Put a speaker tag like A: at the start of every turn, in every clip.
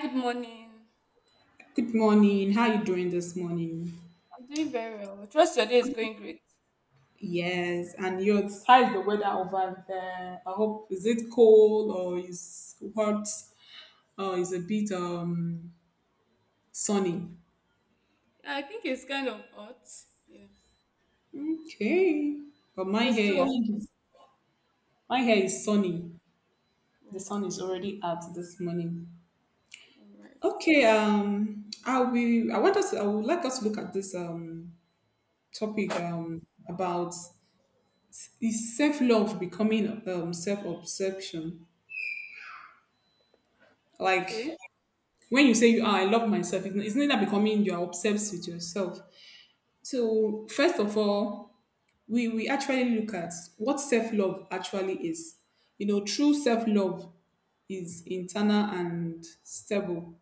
A: Good morning.
B: Good morning. How you doing this morning?
A: I'm doing very well. Trust your day is going great.
B: Yes, and yours? How is the weather over there? I hope is it cold or is hot or is a bit sunny?
A: Yeah, I think it's kind of hot. Yeah.
B: Okay, but my
A: Okay,
B: hair,
A: so.
B: my hair
A: Oh,
B: is sunny. The
A: oh,
B: sun is already out this morning.
A: all right.
B: Okay, I'll be. I want us. I would like us to look at this topic about is self love becoming self obsession, like
A: Okay.
B: when you say I love myself, isn't that becoming you are obsessed with yourself? So first of all, we actually look at what self-love actually is. True self-love is internal and stable.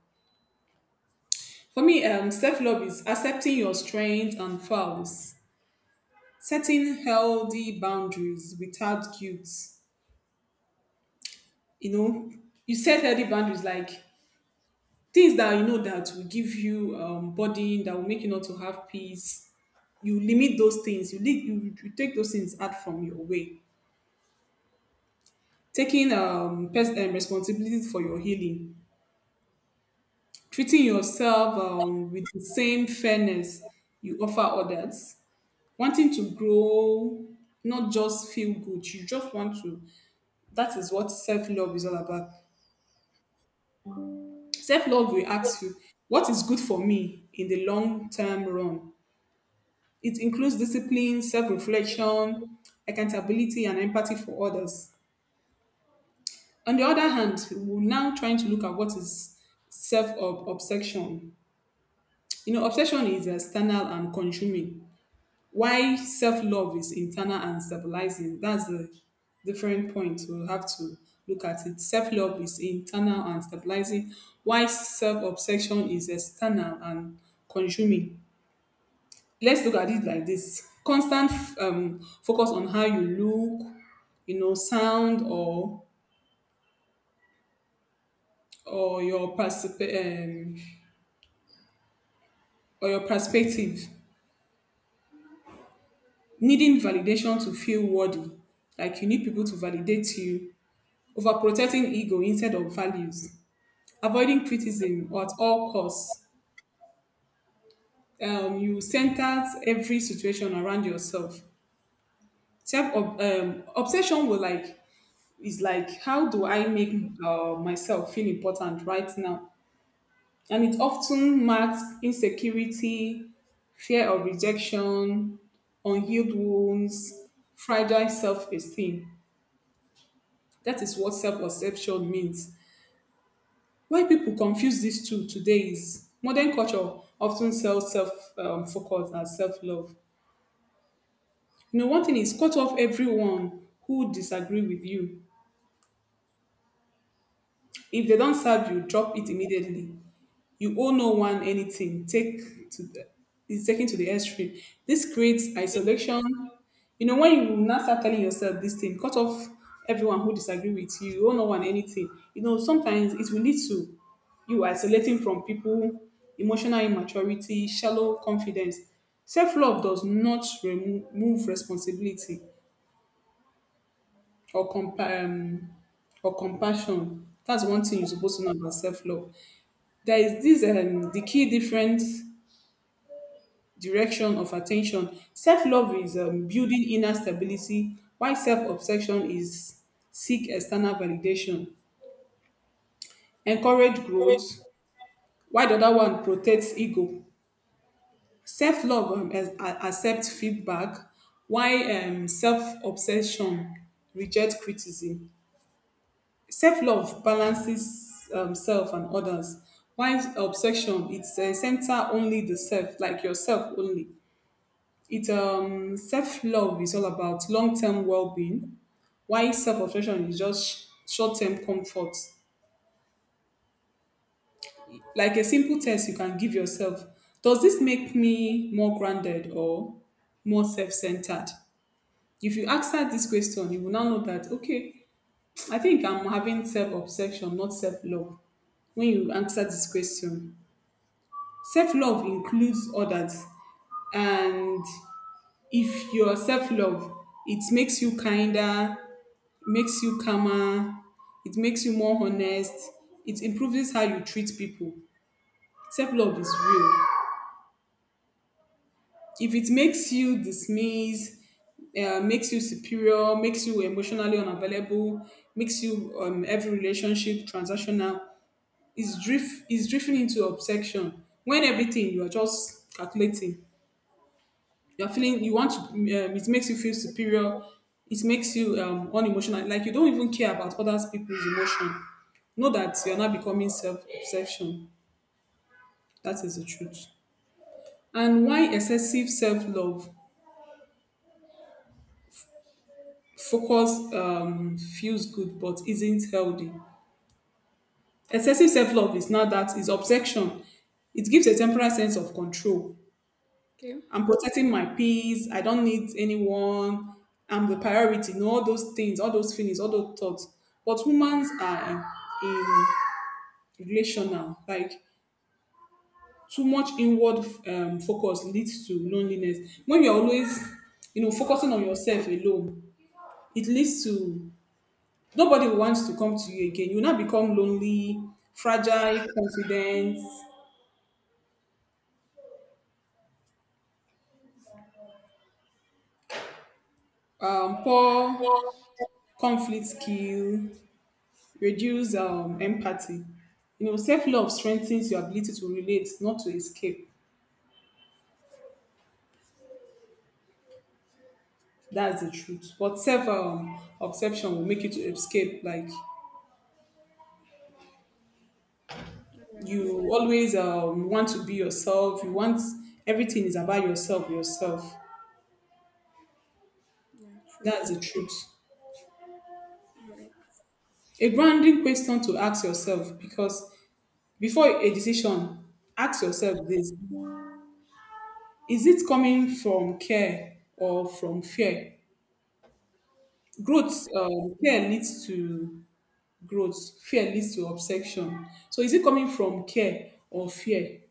B: For me, self-love is accepting your strengths and flaws, setting healthy boundaries without guilt. You know, you set healthy boundaries like things that you know that will give you burden, that will make you not to have peace. You limit those things, you take those things out from your way, taking responsibility for your healing, treating yourself with the same fairness you offer others, wanting to grow, not just feel good. You just want to That is what self-love is all about. Self-love will ask you: what is good for me in the long term run? It includes discipline, self-reflection, accountability and empathy for others. On the other hand, we're now trying to look at what is self obsession. Obsession is external and consuming, why self love is internal and stabilizing. That's a different point. We'll have to look at it. Self love is internal and stabilizing, why self obsession is external and consuming. Let's look at it like this: constant focus on how you look, sound or your particip- um, or your perspective, needing validation to feel worthy, like you need people to validate you, overprotecting ego instead of values, avoiding criticism or at all costs. You center every situation around yourself. Self obsession will like is like, how do I make myself feel important right now, and it often marks insecurity, fear of rejection, unhealed wounds, fragile self esteem. That is what self-perception means. Why people confuse these two today is modern culture often sells self-focus and self-love. One thing is, cut off everyone who disagree with you. If they don't serve you, drop it immediately. You owe no one anything take to the is taken to the extreme. This creates isolation. When you now start telling yourself this thing, cut off everyone who disagree with you, you owe no one anything. Sometimes it will lead to you isolating from people, emotional immaturity, shallow confidence. Self-love does not remove responsibility or compa- um, or compassion. That's one thing you're supposed to know about self-love. There is this the key difference: direction of attention. Self-love is building inner stability, while self-obsession is seek external validation. Encourage growth, while the other one protects ego. Self-love accepts feedback, while self-obsession rejects criticism. Self-love balances self and others, while obsession it's center only the self, like yourself only. It's self love is all about long term well being, while self obsession is just short term comfort. Like a simple test you can give yourself: does this make me more grounded or more self centered? If you answer this question, you will now know that, okay, I think I'm having self obsession, not self love. When you answer this question, self love includes others, and if your self love, it makes you kinder, makes you calmer, it makes you more honest, it improves how you treat people. Self love is real. If it makes you dismiss, makes you superior, makes you emotionally unavailable, makes you every relationship transactional, is drifting into obsession. When everything you are just calculating, you're feeling you want to. It makes you feel superior. It makes you unemotional. Like you don't even care about other people's emotion. Know that you're not becoming self obsession. That is the truth. And why excessive self love? Focus feels good but isn't healthy. Excessive self love is not that. It's obsession. It gives a temporary sense of control.
A: Okay.
B: I'm protecting my peace. I don't need anyone. I'm the priority. All those things, all those feelings, all those thoughts. But humans are in relational. Like too much inward focus leads to loneliness. When you're always, focusing on yourself alone, it leads to nobody wants to come to you again. You now become lonely, fragile, confidence, poor
A: All
B: conflict skill, reduce empathy. Self love strengthens your ability to relate, not to escape. That's the truth. But self obsession will make you to escape. Like
A: right.
B: you always want to be yourself. You want everything is about yourself. Yourself.
A: Yeah, true.
B: That's the truth.
A: All right.
B: A grounding question to ask yourself, because before a decision, ask yourself this: is it coming from care or from fear? Growth care leads to growth, fear leads to obsession. So is it coming from care or fear?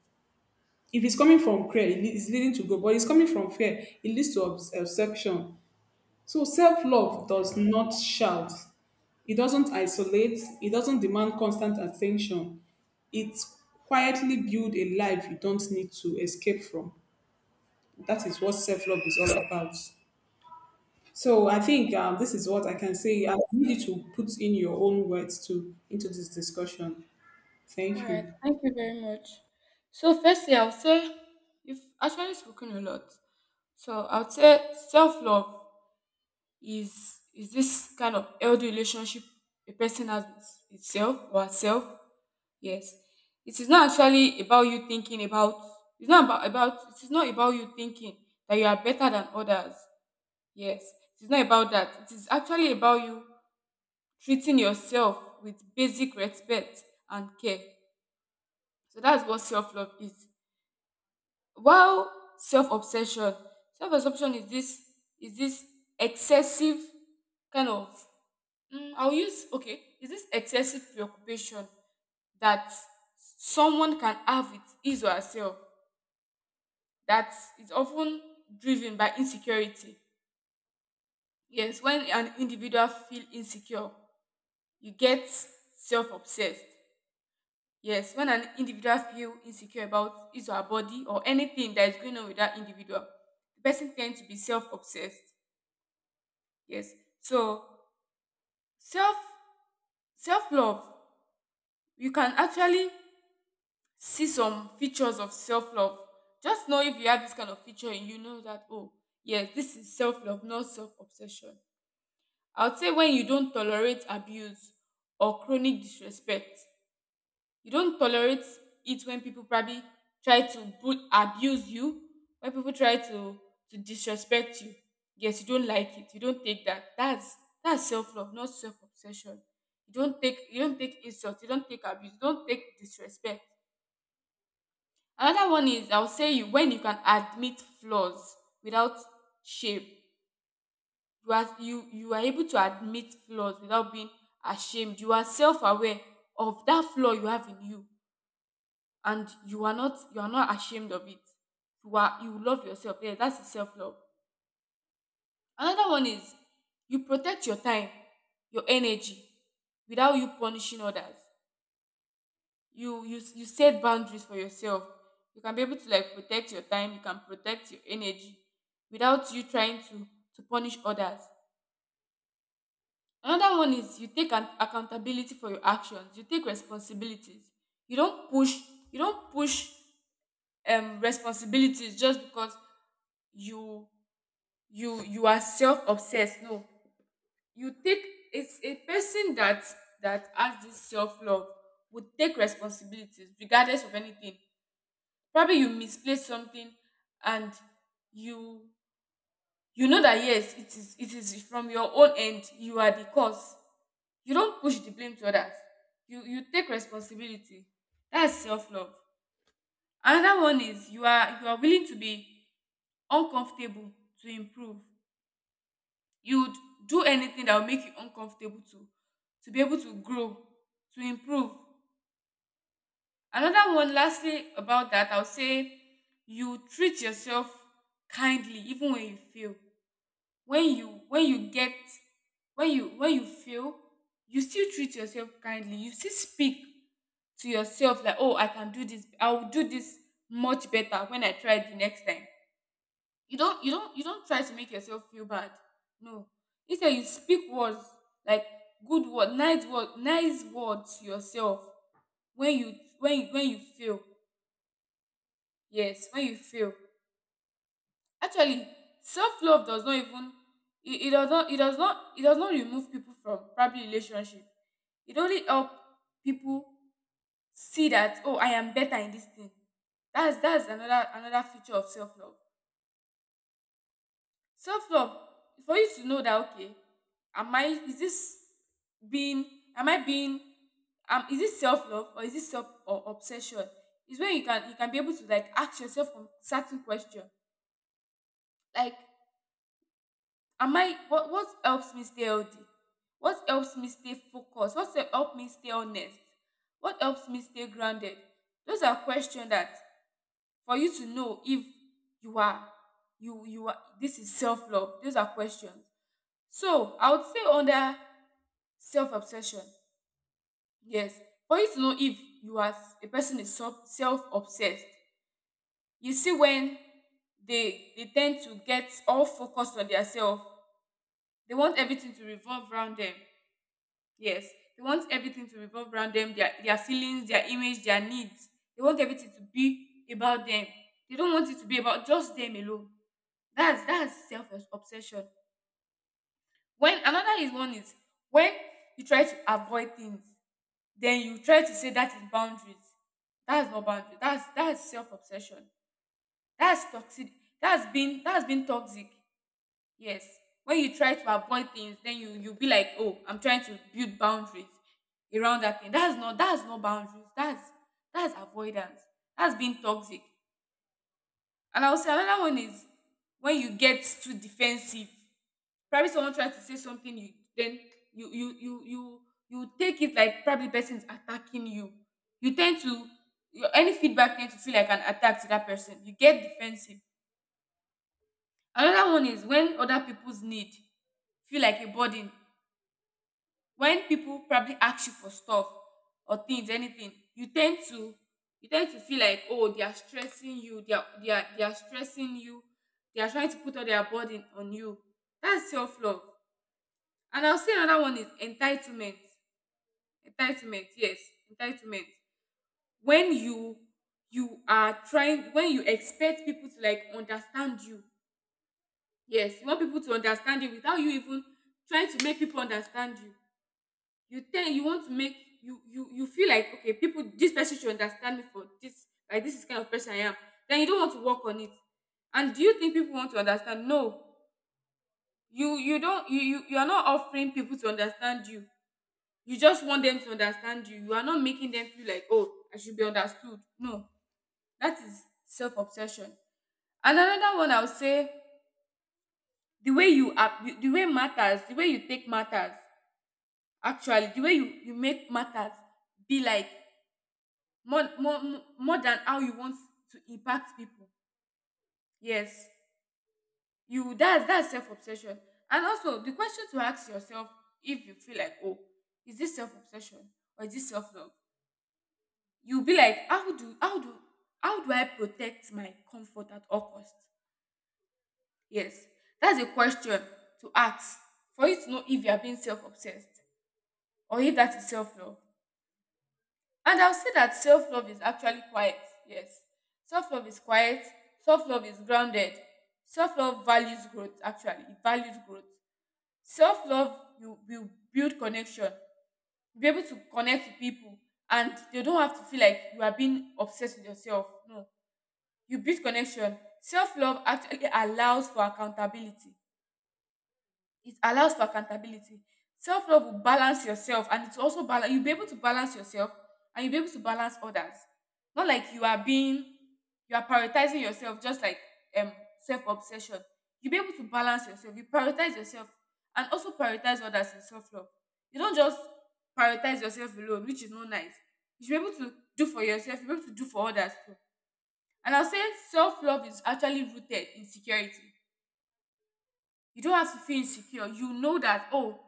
B: If it's coming from care, it is leading to growth. But it's coming from fear, it leads to obsession. So self-love does not shout. It doesn't isolate. It doesn't demand constant attention. It quietly builds a life you don't need to escape from. That is what self-love is all about. So I think this is what I can say. I need you to put in your own words too into this discussion.
A: All
B: Thank
A: right.
B: you.
A: Thank you very much. So, firstly, I would say you've actually spoken a lot. So, I would say self love is is this kind of healthy relationship a person has with itself or herself. Yes. It is not actually about you thinking about it's not about, about it is not about you thinking that you are better than others. Yes. It is not about that. It is actually about you treating yourself with basic respect and care. So that's what self-love is. While self-obsession, self-obsession is this excessive kind of mm, is this excessive preoccupation that someone can have with his or herself, that is often driven by insecurity. Yes, when an individual feel insecure, you get self-obsessed. Yes, when an individual feel insecure about his or her body or anything that is going on with that individual, the person tends to be self-obsessed. Yes, so self self-love, you can actually see some features of self-love. Just know if you have this kind of feature and you know that, oh yes, this is self-love, not self-obsession. I would say when you don't tolerate abuse or chronic disrespect. You don't tolerate it when people probably try to abuse you, when people try to disrespect you. Yes, you don't like it. You don't take that. That's self-love, not self-obsession. You don't take insult, you don't take abuse, you don't take disrespect. Another one is, I would say, you when you can admit flaws without shame. You are able to admit flaws without being ashamed. You are self-aware of that flaw you have in you, and you are not ashamed of it. You love yourself. Yeah, that's the self-love. Another one is, you protect your time, your energy, without you punishing others. You set boundaries for yourself. You can be able to like protect your time, you can protect your energy, without you trying to punish others. Another one is you take an accountability for your actions. You take responsibilities. You don't push. You don't push responsibilities just because you you are self obsessed. No, you take. It's a person that has this self love would take responsibilities regardless of anything. Probably you misplaced something, and you you know that, yes, it is from your own end. You are the cause. You don't push the blame to others. You take responsibility. That's self love. Another one is you are willing to be uncomfortable to improve. You would do anything that will make you uncomfortable to be able to grow, to improve. Another one, lastly, about that, I'll say, you treat yourself kindly even when you fail. when you when you get when you fail, you still treat yourself kindly. You still speak to yourself like, oh, I can do this, I will do this much better when I try it the next time. You don't try to make yourself feel bad. No, instead you speak words like, good word, nice words to yourself, when you fail. Yes, when you fail. Actually, self-love does not even, it does not it does not it does not remove people from probably relationship. It only help people see that, oh, I am better in this thing. That's another feature of self-love. Self-love, for you to know that, okay, am I is this being am I being is this self-love or is this self or obsession, is when you can be able to like ask yourself a certain question like, am I what helps me stay healthy, what helps me stay focused, what helps me stay honest, what helps me stay grounded. Those are questions that, for you to know if you are you you are this is self-love. Those are questions. So, I would say, under self-obsession, yes, for you to know if you are a person is self-obsessed. You see when they tend to get all focused on themselves, they want everything to revolve around them. Yes, they want everything to revolve around them, their feelings, their image, their needs. They want everything to be about them. They don't want it to be about just them alone. That's self obsession. When another is one is when you try to avoid things, then you try to say that is boundaries. That's not boundaries. That's self obsession. That's toxic. That's been toxic. Yes. When you try to avoid things, then you be like, oh, I'm trying to build boundaries around that thing. That's not boundaries. That's avoidance. That's being toxic. And I would say another one is when you get too defensive. Probably someone tries to say something, you then you you you you you take it like probably the person is attacking you. You tend to Your any feedback tend to feel like an attack to that person. You get defensive. Another one is when other people's need feel like a burden. When people probably ask you for stuff or things, anything, you tend to feel like, oh, they are stressing you, they are stressing you, they are trying to put all their burden on you. That's self love. And I'll say another one is entitlement. Entitlement, yes, entitlement. When you expect people to like understand you, yes, you want people to understand you without you even trying to make people understand you. You think you want to make you you you feel like, okay, people, this person should understand me for this, like this is the kind of person I am. Then you don't want to work on it. And do you think people want to understand? No, you don't you you you are not offering people to understand you. You just want them to understand you. You are not making them feel like, oh, I should be understood. No, that is self-obsession. And another one, I would say, the way matters, the way you make matters be like more, more, more than how you want to impact people. Yes, you that's self-obsession. And also, the question to ask yourself: if you feel like, oh, is this self-obsession or is this self-love, you'll be like, how do I protect my comfort at all cost? Yes, that's a question to ask for you to know if you are being self-obsessed or if that is self-love. And I'll say that self-love is actually quiet. Yes, self-love is quiet. Self-love is grounded. Self-love values growth, actually, it values growth. Self-love, you will build connection, you'll be able to connect with people, and they don't have to feel like you are being obsessed with yourself. No, you build connection. Self-love actually allows for accountability. It allows for accountability. Self-love will balance yourself, and it's also balance, you'll be able to balance yourself, and you'll be able to balance others, not like you are being, you are prioritizing yourself just like, um self-obsession. You'll be able to balance yourself, you prioritize yourself, and also prioritize others. In self-love, you don't just prioritize yourself alone, which is not nice. You should be able to do for yourself, you should be able to do for others too. And I'll say self love is actually rooted in security. You don't have to feel insecure. You know that, oh,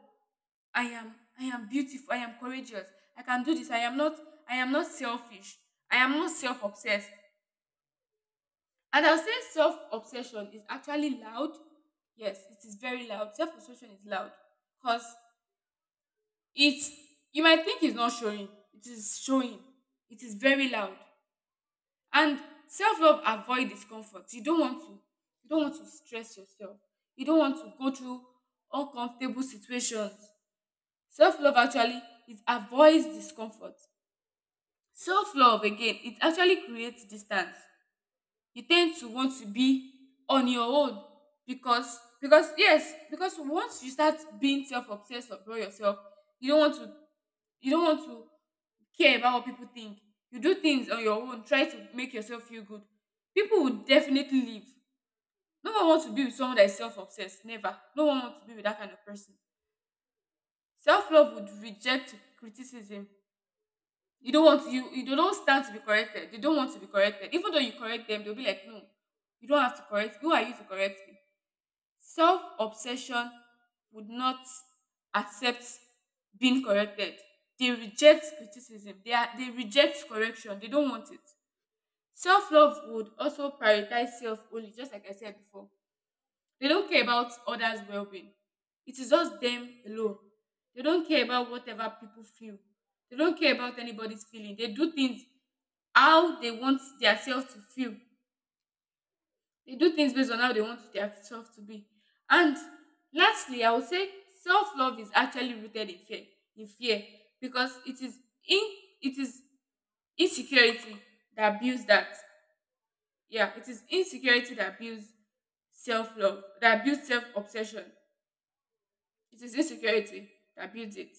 A: I am beautiful, I am courageous, I can do this, I am not selfish, I am not self obsessed. And I'll say self obsession is actually loud. Yes, it is very loud. Self obsession is loud, because it's you might think it's not showing. It is showing. It is very loud. And self-love avoid discomfort. You don't want to stress yourself. You don't want to go through uncomfortable situations. Self-love actually, it avoids discomfort. Self-love again, it actually creates distance. You tend to want to be on your own, because yes, because once you start being self-obsessed about yourself, you don't want to you don't want to care about what people think. You do things on your own, try to make yourself feel good. People will definitely leave. No one wants to be with someone that is self obsessed. Never. No one wants to be with that kind of person. Self love would reject criticism. You don't want to, you don't stand to be corrected. They don't want to be corrected. Even though you correct them, they'll be like, no, you don't have to correct me. Who are you to correct me? Self obsession would not accept being corrected. They reject criticism. They reject correction. They don't want it. Self love would also prioritize self only, just like I said before. They don't care about others' well being. It is just them alone. They don't care about whatever people feel. They don't care about anybody's feeling. They do things how they want themselves to feel. They do things based on how they want themselves to be. And lastly, I would say self love is actually rooted in fear, because in it is insecurity that builds that. Yeah, it is insecurity that builds self love, that builds self obsession. It is insecurity that builds it.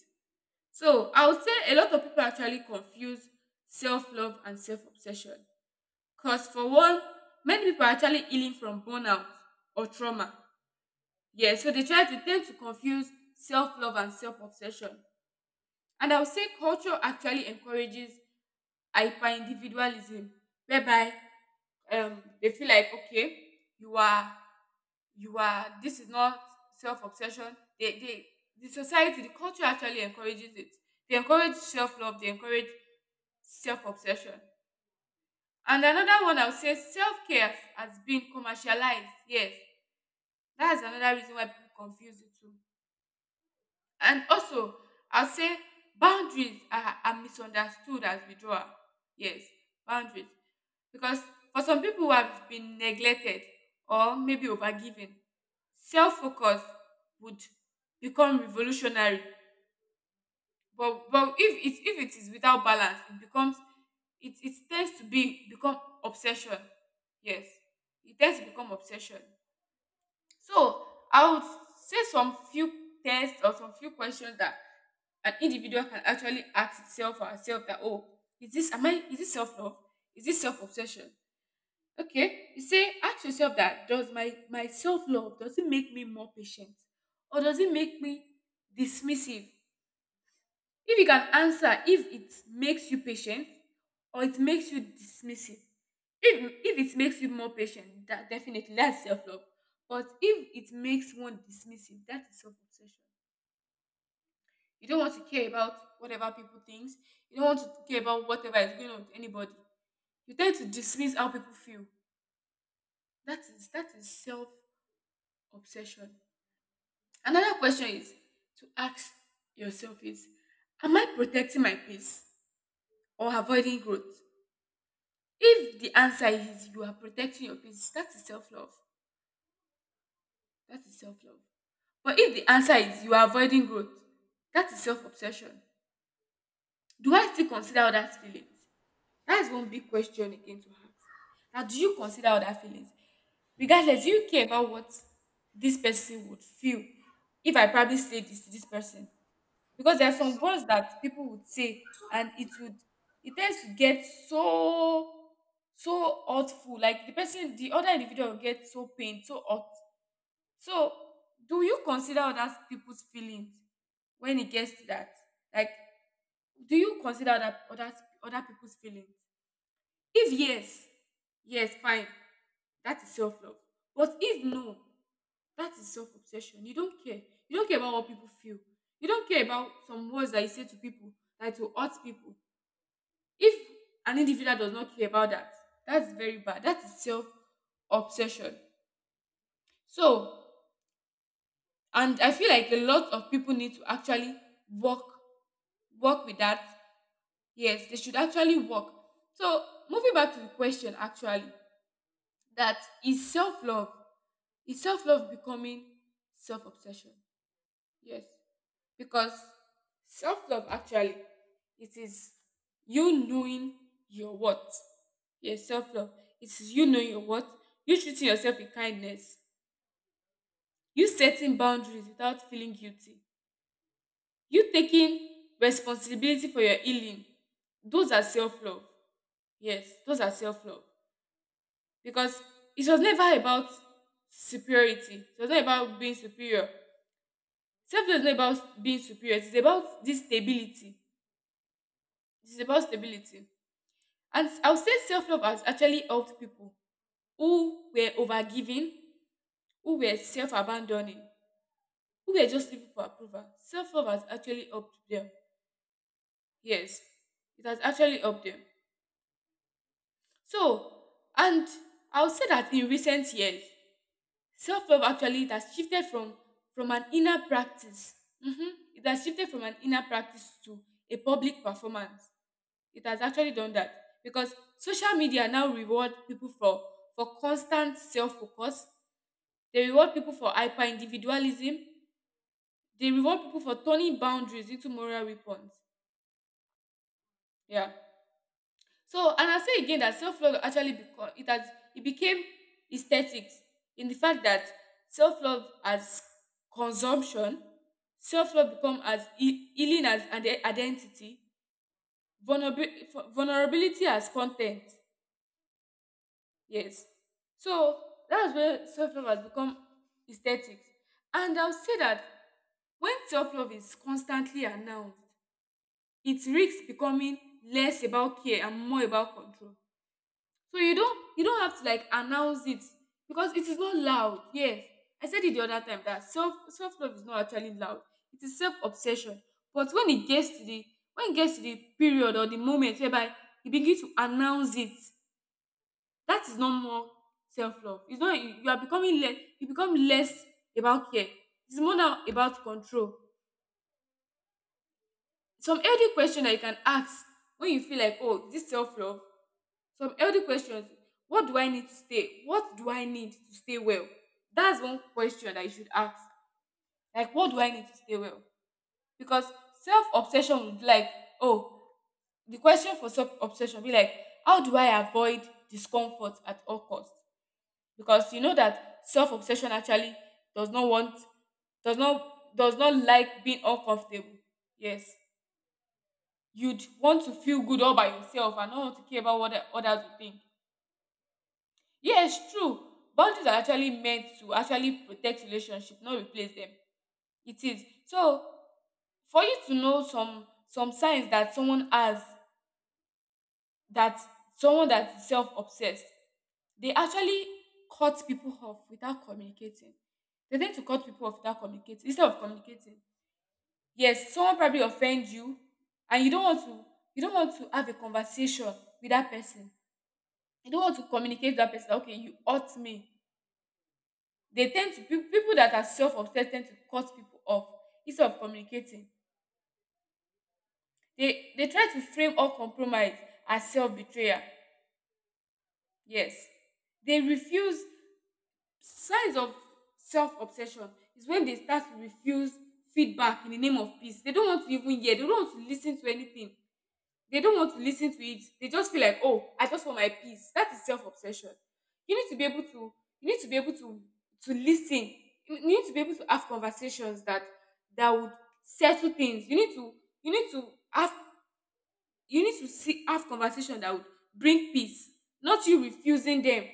A: So I would say a lot of people actually confuse self love and self obsession. Because for one, many people are actually healing from burnout or trauma. Yeah, so they try to tend to confuse self love and self obsession. And I would say culture actually encourages hyper individualism, whereby they feel like, okay, you are you are this is not self-obsession. They, the society, the culture actually encourages it. They encourage self-love, they encourage self-obsession. And another one, I would say self-care has been commercialized. Yes, that's another reason why people confuse the two. And also, I'll say boundaries are misunderstood as withdrawal. Yes, boundaries. Because for some people who have been neglected or maybe overgiven, self focus would become revolutionary. But if it is without balance, it becomes, it tends to be become obsession. Yes. It tends to become obsession. So I would say some few tests or some few questions that an individual can actually ask itself or herself that, oh, is this self love? Is this self obsession? Okay, you say ask yourself that, does my self love, does it make me more patient or does it make me dismissive? If you can answer, if it makes you patient or it makes you dismissive, if it makes you more patient, that definitely that's self-love. But if it makes one dismissive, that is self-obsession. You don't want to care about whatever people thinks. You don't want to care about whatever is going on with anybody. You tend to dismiss how people feel. That is self-obsession. Another question is to ask yourself is, am I protecting my peace or avoiding growth? If the answer is you are protecting your peace, that is self-love. That is self-love. But if the answer is you are avoiding growth, that is self obsession. Do I still consider others' feelings? That is one big question again to ask. Now, do you consider other feelings? Regardless, do you care about what this person would feel if I probably say this to this person? Because there are some words that people would say and it would, it tends to get so hurtful. Like the person, the other individual will get so pained, so hurt. So, do you consider other people's feelings when it gets to that? Like, do you consider other people's feelings? If yes, yes, fine. That is self love. But if no, that is self obsession. You don't care. You don't care about what people feel. You don't care about some words that you say to people that will hurt people. If an individual does not care about that, that's very bad. That is self obsession. So and I feel like a lot of people need to actually work work with that. Yes, they should actually work. So, moving back to the question actually, that is self-love, is self-love becoming self-obsession? Yes, because self-love actually, it is you knowing your worth. Yes, self-love, it is you knowing your worth, you treating yourself with kindness, you setting boundaries without feeling guilty, you taking responsibility for your healing. Those are self love. Yes, those are self love. Because it was never about superiority, it was not about being superior. Self love is not about being superior, it's about this stability. It's about stability. And I would say self love has actually helped people who were overgiving, who were self abandoning, who were just living for approval. Self love has actually helped them. Yes, it has actually helped them. So, and I would say that in recent years, self love actually it has shifted from an inner practice. Mhm. It has shifted from an inner practice to a public performance. It has actually done that because social media now reward people for constant self focus. They reward people for hyper individualism. They reward people for turning boundaries into moral weapons. Yeah. So, and I'll say again that self love actually become, it has, it became aesthetics, in the fact that self love as consumption, self love become as healing as an identity, vulnerability as content. Yes, so that's where self love has become aesthetics. And I'll say that when self love is constantly announced, it risks becoming less about care and more about control. So you don't have to like announce it because it is not loud. Yes. I said it the other time that self love is not actually loud. It is self obsession. But when it gets to the, when it gets to the period or the moment whereby you begin to announce it, that is not more self love. It's not you, you are becoming less you become less about care. It's more now about control. Some healthy question that you can ask when you feel like, oh, is this self love? Some healthy questions. What do I need to stay well? That's one question that you should ask. Like, what do I need to stay well? Because self obsession would be like, oh, the question for self obsession be like, how do I avoid discomfort at all costs? Because you know that self obsession actually does not want, does not like being uncomfortable. Yes, you'd want to feel good all by yourself and not want to care about what others will think. Yes, true. Boundaries are actually meant to actually protect relationship, not replace them. It is. So for you to know some signs that someone has, that someone that is self-obsessed, they actually cut people off without communicating. They tend to cut people off without communicating instead of communicating. Yes, someone probably offend you and you don't want to have a conversation with that person. You don't want to communicate with that person, that, okay, you hurt me. They tend to, people that are self-obsessed tend to cut people off instead of communicating. They try to frame all compromise as self-betrayal. Yes, they refuse. Signs of self-obsession is when they start to refuse feedback in the name of peace. They don't want to even hear, they don't want to listen to anything. They don't want to listen to it. They just feel like, oh, I just want my peace. That is self-obsession. You need to be able to you need to be able to listen. You need to be able to have conversations that that would settle things. You need to you need to have you need to see have conversation that would bring peace, not you refusing them.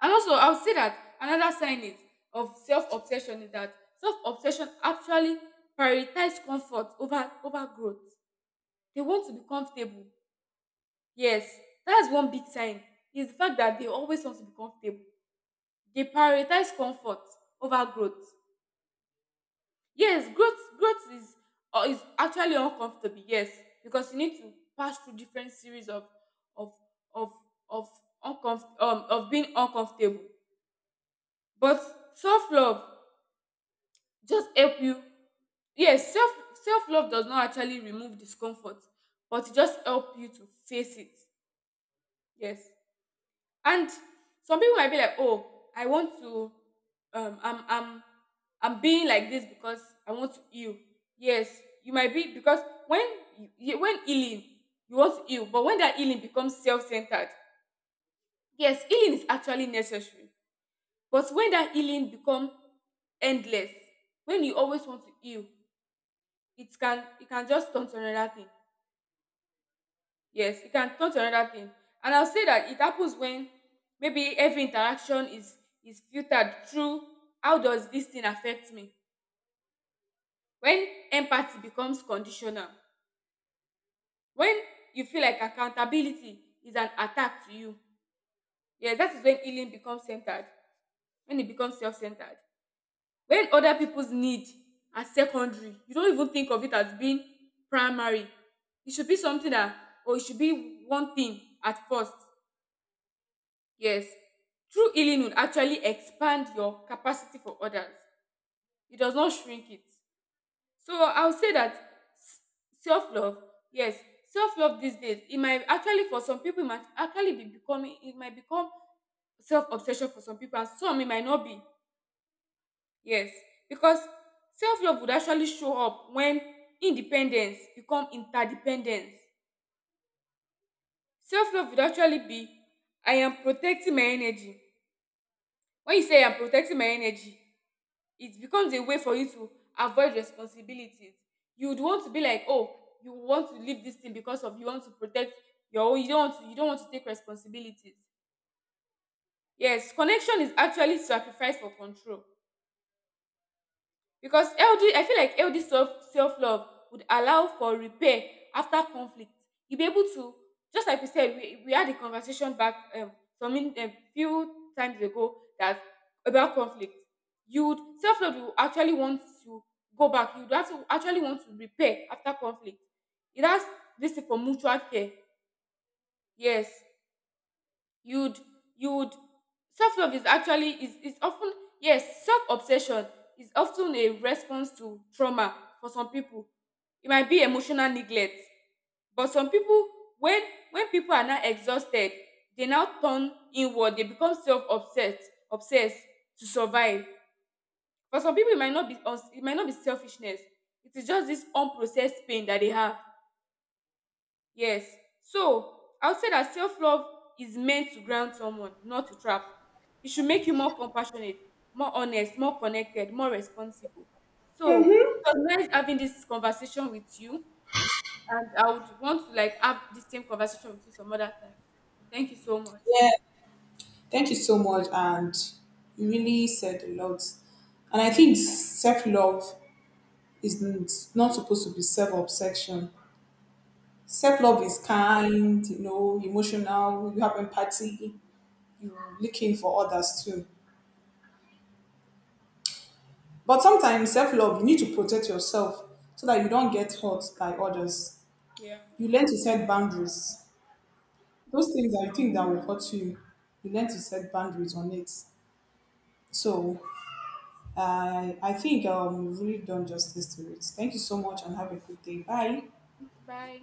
A: And also I would say that another sign is of self-obsession is that self-obsession actually prioritize comfort over over growth. They want to be comfortable. Yes, that's one big sign. Is the fact that they always want to be comfortable. They prioritize comfort over growth. Yes, growth is or is actually uncomfortable. Yes, because you need to pass through different series of of of of uncomfort of being uncomfortable. But self love just help you. Yes, self love does not actually remove discomfort, but it just help you to face it. Yes. And some people might be like, oh, I want to, um, I'm, I'm, I'm being like this because I want to heal. Yes, you might be because when when healing, you want to heal, but when that healing becomes self-centered, yes, healing is actually necessary. But when that healing becomes endless, when you always want to heal, it can just turn to another thing. Yes, it can turn to another thing. And I'll say that it happens when maybe every interaction is filtered through, how does this thing affect me? When empathy becomes conditional, when you feel like accountability is an attack to you. Yes, that is when healing becomes centered, when it becomes self-centered. When other people's need are secondary, you don't even think of it as being primary. It should be something that, or it should be one thing at first. Yes, true healing would actually expand your capacity for others. It does not shrink it. So I would say that self love, yes, self love these days, it might actually for some people it might actually be becoming, it might become self obsession for some people and some it might not be. Yes, because self love would actually show up when independence become interdependence. Self love would actually be, I am protecting my energy. When you say I am protecting my energy, it becomes a way for you to avoid responsibilities. You would want to be like, oh, you want to leave this thing because of, you want to protect your own. You don't want to take responsibilities. Yes, connection is actually sacrifice for control. Because healthy, I feel like healthy self love would allow for repair after conflict. You'll be able to, just like we said, we had a conversation back some in, few times ago that, about conflict. You would self love, you actually want to go back. You would actually want to repair after conflict. It has this thing for mutual care. Yes, you would, you would, self-love is actually is often, yes, self-obsession is often a response to trauma. For some people it might be emotional neglect. But some people, when when people are now exhausted, they now turn inward, they become self-obsessed, obsessed to survive. For some people it might not be it might not be selfishness. It is just this unprocessed pain that they have. Yes. So, I would say that self love is meant to ground someone, not to trap. It should make you more compassionate, more honest, more connected, more responsible. So, it was nice having this conversation with you, and I would want to like have the same conversation with you some other time. Thank you so much.
B: Thank you so much. And you really said a lot. And I think self love is not supposed to be self obsession. Self love
A: Yeah.
B: is kind, emotional, you have empathy, you're looking for others too. But sometimes self love, you need to protect yourself so that you don't get hurt by others.
A: Yeah.
B: You learn to set boundaries. Those things that you think that will hurt you, you learn to set boundaries on it. So I think you've really done justice to it. Thank you so much and have a good day. Bye.
A: Bye.